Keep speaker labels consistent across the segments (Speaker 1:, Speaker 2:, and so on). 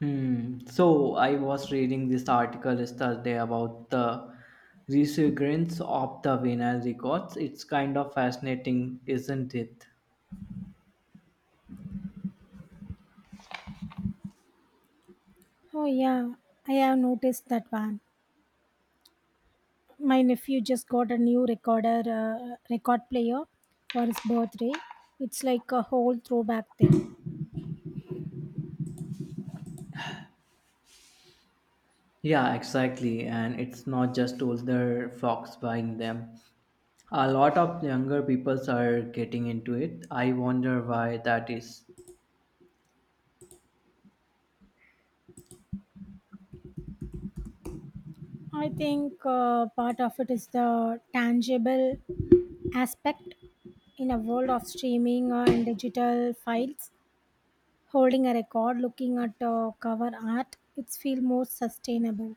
Speaker 1: Hmm. So I was reading this article yesterday about the resurgence of the vinyl records. It's kind of fascinating, isn't it?
Speaker 2: Oh yeah, I have noticed that one. My nephew just got a record player for his birthday. It's like a whole throwback thing.
Speaker 1: Yeah, exactly. And it's not just older folks buying them. A lot of younger people are getting into it. I wonder why that is.
Speaker 2: I think part of it is the tangible aspect in a world of streaming and digital files. Holding a record, looking at cover art, it's feel more sustainable.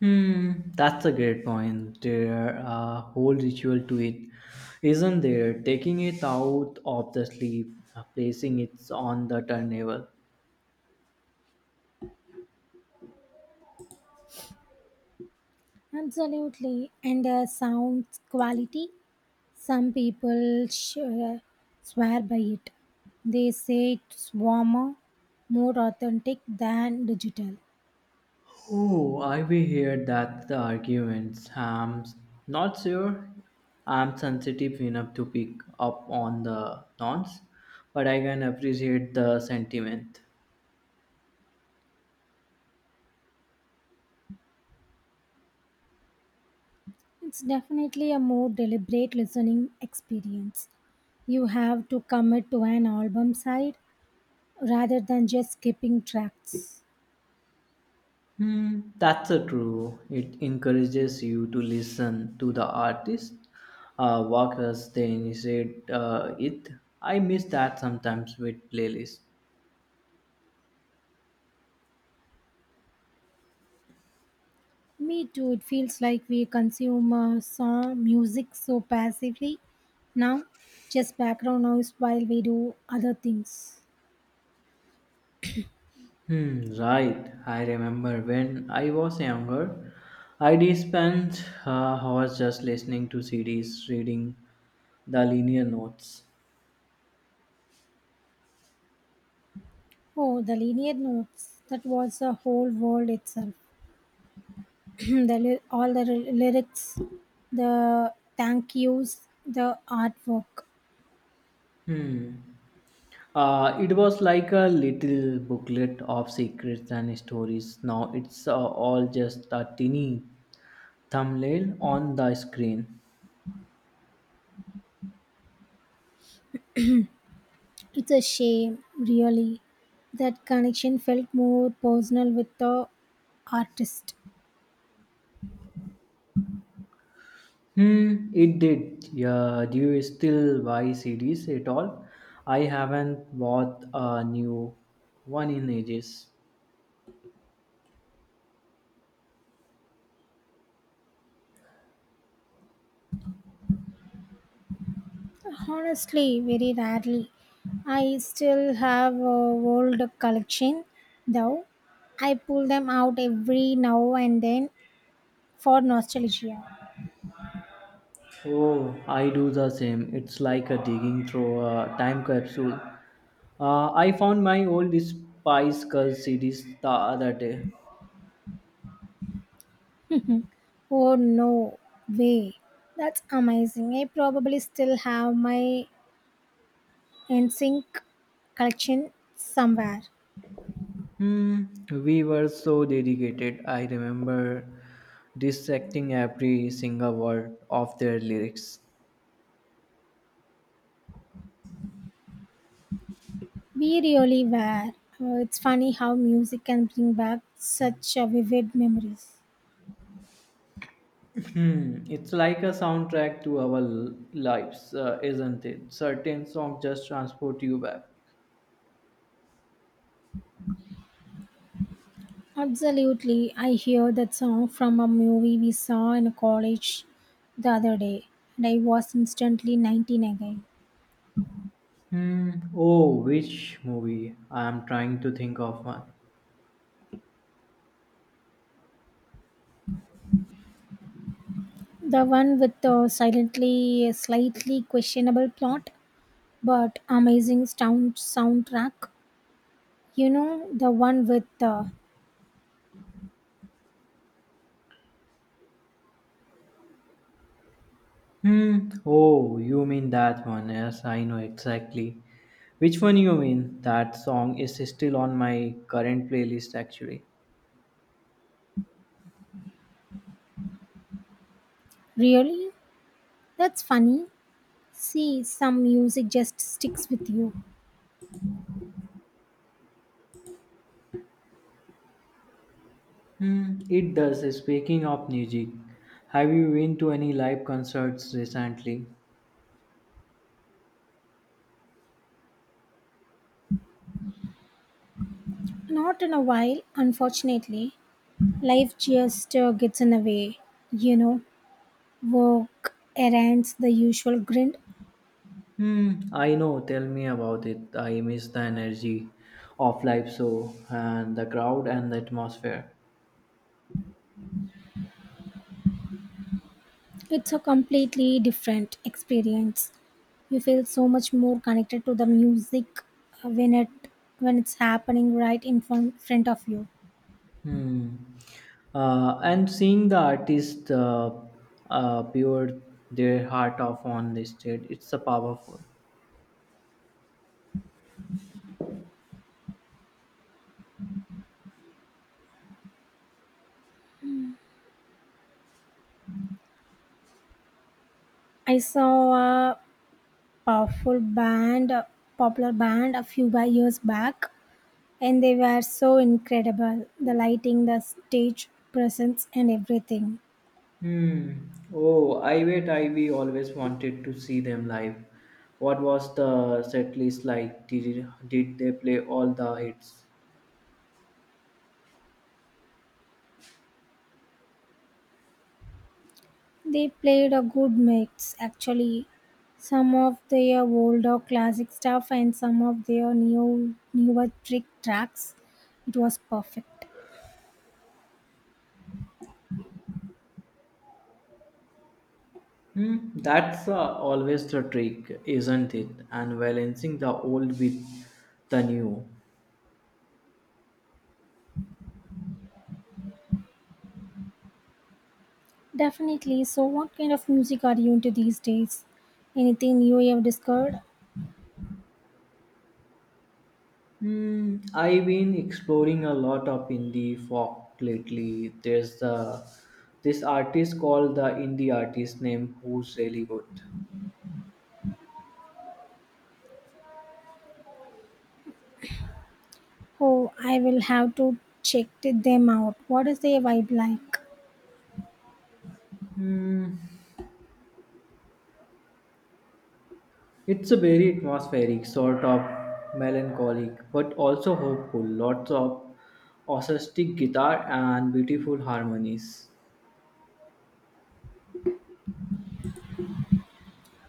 Speaker 1: Hmm, that's a great point. There are a whole ritual to it, isn't there? Taking it out of the sleeve, placing it on the turntable.
Speaker 2: Absolutely, and the sound quality. Some people swear by it. They say it's warmer, more authentic than digital.
Speaker 1: Oh, I will hear that the arguments. I'm not sure I'm sensitive enough to pick up on the nonce, but I can appreciate the sentiment.
Speaker 2: It's definitely a more deliberate listening experience. You have to commit to an album side rather than just skipping tracks.
Speaker 1: Hmm, that's a true. It encourages you to listen to the artist, work as they initiate it. I miss that sometimes with playlists.
Speaker 2: Me too, it feels like we consume song music so passively now, just background noise while we do other things.
Speaker 1: Hmm, right. I remember when I was younger, I'd spent hours just listening to CDs, reading the linear notes.
Speaker 2: Oh, the linear notes. That was a whole world itself. all the lyrics, the thank yous, the artwork.
Speaker 1: Hmm. It was like a little booklet of secrets and stories. Now it's all just a teeny thumbnail on the screen.
Speaker 2: It's a shame, really. That connection felt more personal with the artist.
Speaker 1: Hmm, it did. Yeah, do you still buy CDs at all? I haven't bought a new one in ages.
Speaker 2: Honestly, very rarely. I still have a old collection, though. I pull them out every now and then for nostalgia.
Speaker 1: Oh, I do the same. It's like a digging through a time capsule. I found my old Spice Girls CDs the other day.
Speaker 2: Oh no way. That's amazing. I probably still have my NSYNC collection somewhere.
Speaker 1: Hmm, we were so dedicated. I remember dissecting every single word of their lyrics.
Speaker 2: We really were. It's funny how music can bring back such vivid memories.
Speaker 1: Hmm, it's like a soundtrack to our lives, isn't it? Certain songs just transport you back.
Speaker 2: Absolutely. I hear that song from a movie we saw in college the other day, and I was instantly 19 again.
Speaker 1: Hmm. Oh, which movie? I am trying to think of one.
Speaker 2: The one with the silently, slightly questionable plot, but amazing soundtrack. You know, the one with the
Speaker 1: Hmm. Oh, you mean that one? Yes, I know exactly. Which one you mean? That song is still on my current playlist actually.
Speaker 2: really? That's funny. See, some music just sticks with you.
Speaker 1: Hmm. It does. Speaking of music, have you been to any live concerts recently?
Speaker 2: Not in a while, unfortunately. Life just gets in the way. You know, work, errands, the usual grind.
Speaker 1: Hmm. I know. Tell me about it. I miss the energy of live show and the crowd and the atmosphere.
Speaker 2: It's a completely different experience. You feel so much more connected to the music uh, when it when it's happening right in front of you.
Speaker 1: Hmm. And seeing the artist pour their heart off on the stage, it's a powerful.
Speaker 2: I saw a a full band, a popular band, a few years back, and they were so incredible. The lighting, the stage presence, and everything.
Speaker 1: Hmm. Oh, I wait, I we always wanted to see them live. What was the set list like? Did they play all the hits?
Speaker 2: They played a good mix, actually. Some of their older classic stuff and some of their new newer trick tracks. It was perfect.
Speaker 1: Hmm. That's always the trick, isn't it? And balancing the old with the new.
Speaker 2: Definitely. So, what kind of music are you into these days? Anything new you have discovered?
Speaker 1: Hmm, I've been exploring a lot of indie folk lately. There's the this artist called the indie artist name who's really good.
Speaker 2: Oh, I will have to check them out. What is their vibe like?
Speaker 1: It's a very atmospheric, sort of melancholic, but also hopeful. Lots of acoustic guitar and beautiful harmonies.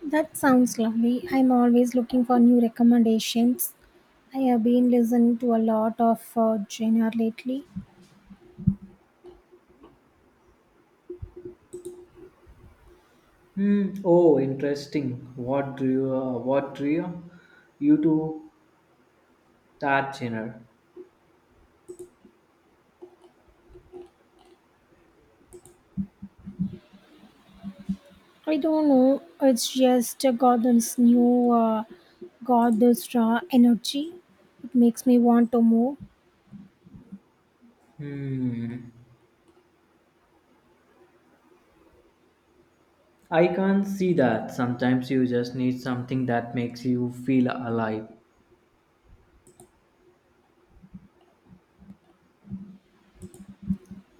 Speaker 2: That sounds lovely. I'm always looking for new recommendations. I have been listening to a lot of genre lately.
Speaker 1: Hmm. Oh, interesting. What drew you to that genre?
Speaker 2: I don't know. It's just got this new, got this raw energy. It makes me want to move.
Speaker 1: Hmm. I can't see that. Sometimes you just need something that makes you feel alive.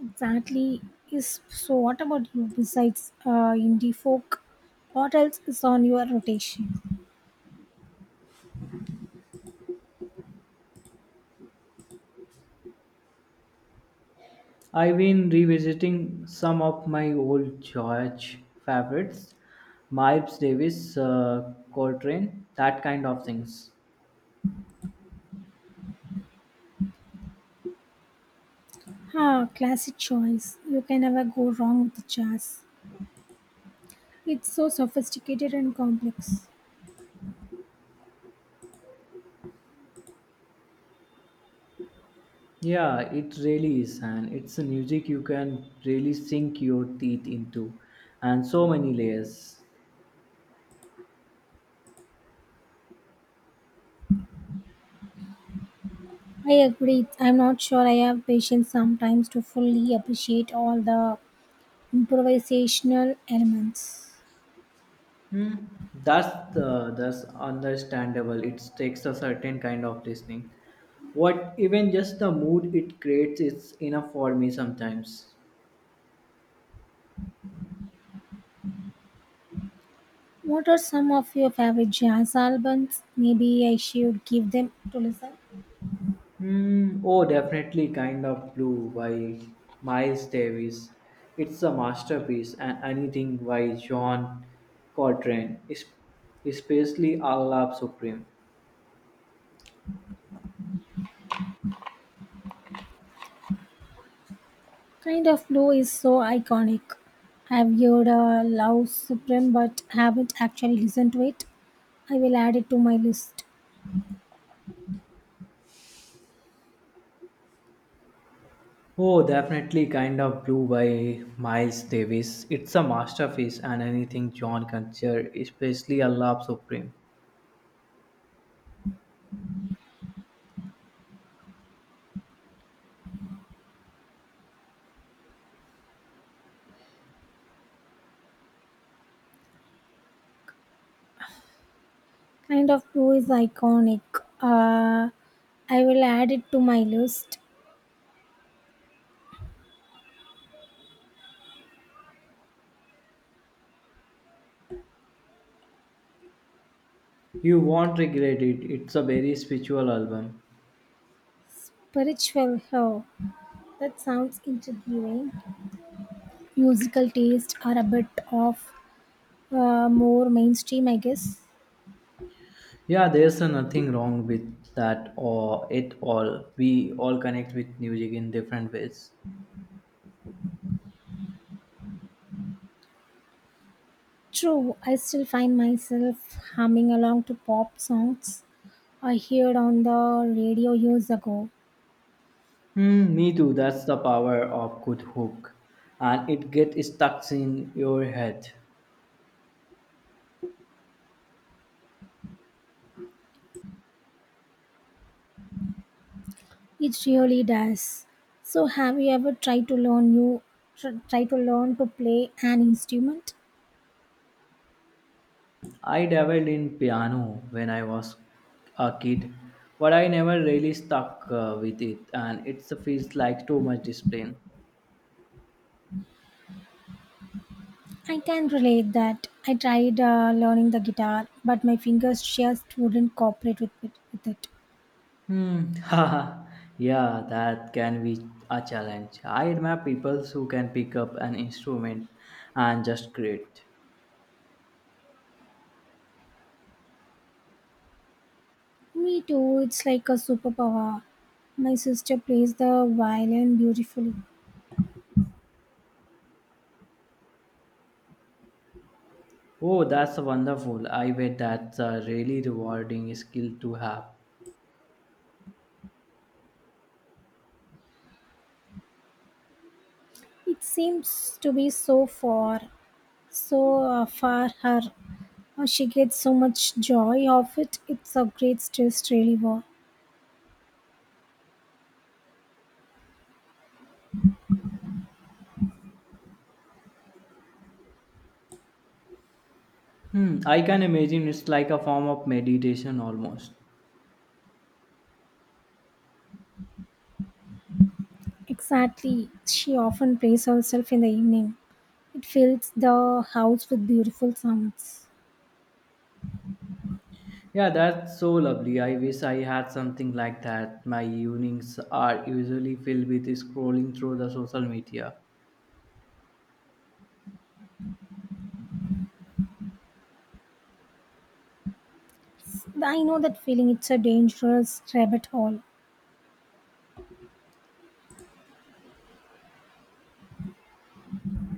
Speaker 2: Exactly. Is so. What about you? Besides indie folk, what else is on your rotation?
Speaker 1: I've been revisiting some of my old church favorites, Miles Davis, Coltrane, that kind of things.
Speaker 2: Ah, classic choice. You can never go wrong with jazz. It's so sophisticated and complex.
Speaker 1: Yeah, it really is, and it's a music you can really sink your teeth into, and so many layers.
Speaker 2: I agree. I'm not sure I have patience sometimes to fully appreciate all the improvisational elements.
Speaker 1: Hmm. That's understandable. It takes a certain kind of listening. What even just the mood it creates is enough for me sometimes.
Speaker 2: What are some of your favorite jazz albums? Maybe I should give them to listen.
Speaker 1: Hmm. Oh, definitely, kind of blue by Miles Davis. It's a masterpiece, and anything by John Coltrane, especially Allah Supreme.
Speaker 2: Kind of Blue is so iconic. I've heard Love Supreme but haven't actually listened to it. I will add it to my list.
Speaker 1: Oh, definitely Kind of Blue by Miles Davis. It's a masterpiece and anything John Consider, especially A Love Supreme.
Speaker 2: Kind of Blue is iconic. Uh, I will add it to my list.
Speaker 1: You won't regret it. It's a very spiritual album.
Speaker 2: Spiritual Hell. That sounds intriguing. Musical tastes are a bit of more mainstream, I guess.
Speaker 1: Yeah, there's a nothing wrong with that or it all. We all connect with music in different ways.
Speaker 2: True, I still find myself humming along to pop songs I heard on the radio years ago.
Speaker 1: Hmm, me too. That's the power of good hook. And it gets stuck in your head.
Speaker 2: It really does. So, have you ever tried to learn you tr- try to learn to play an instrument?
Speaker 1: I dabbled in piano when I was a kid, but I never really stuck with it, and it feels like too much discipline.
Speaker 2: I can relate that. I tried learning the guitar, but my fingers just wouldn't cooperate with it.
Speaker 1: Hmm. haha, yeah, that can be a challenge. I admire people who can pick up an instrument and just create.
Speaker 2: Me too, it's like a superpower. My sister plays the violin beautifully.
Speaker 1: Oh, that's wonderful. I bet that's a really rewarding skill to have.
Speaker 2: It seems to be so far, so far her. She gets so much joy of it. It's a great stress reliever.
Speaker 1: Hmm. I can imagine it's like a form of meditation almost.
Speaker 2: Exactly. She often plays herself in the evening. It fills the house with beautiful sounds.
Speaker 1: Yeah, that's so lovely. I wish I had something like that. My evenings are usually filled with scrolling through the social media.
Speaker 2: Yes, I know that feeling. It's a dangerous rabbit hole.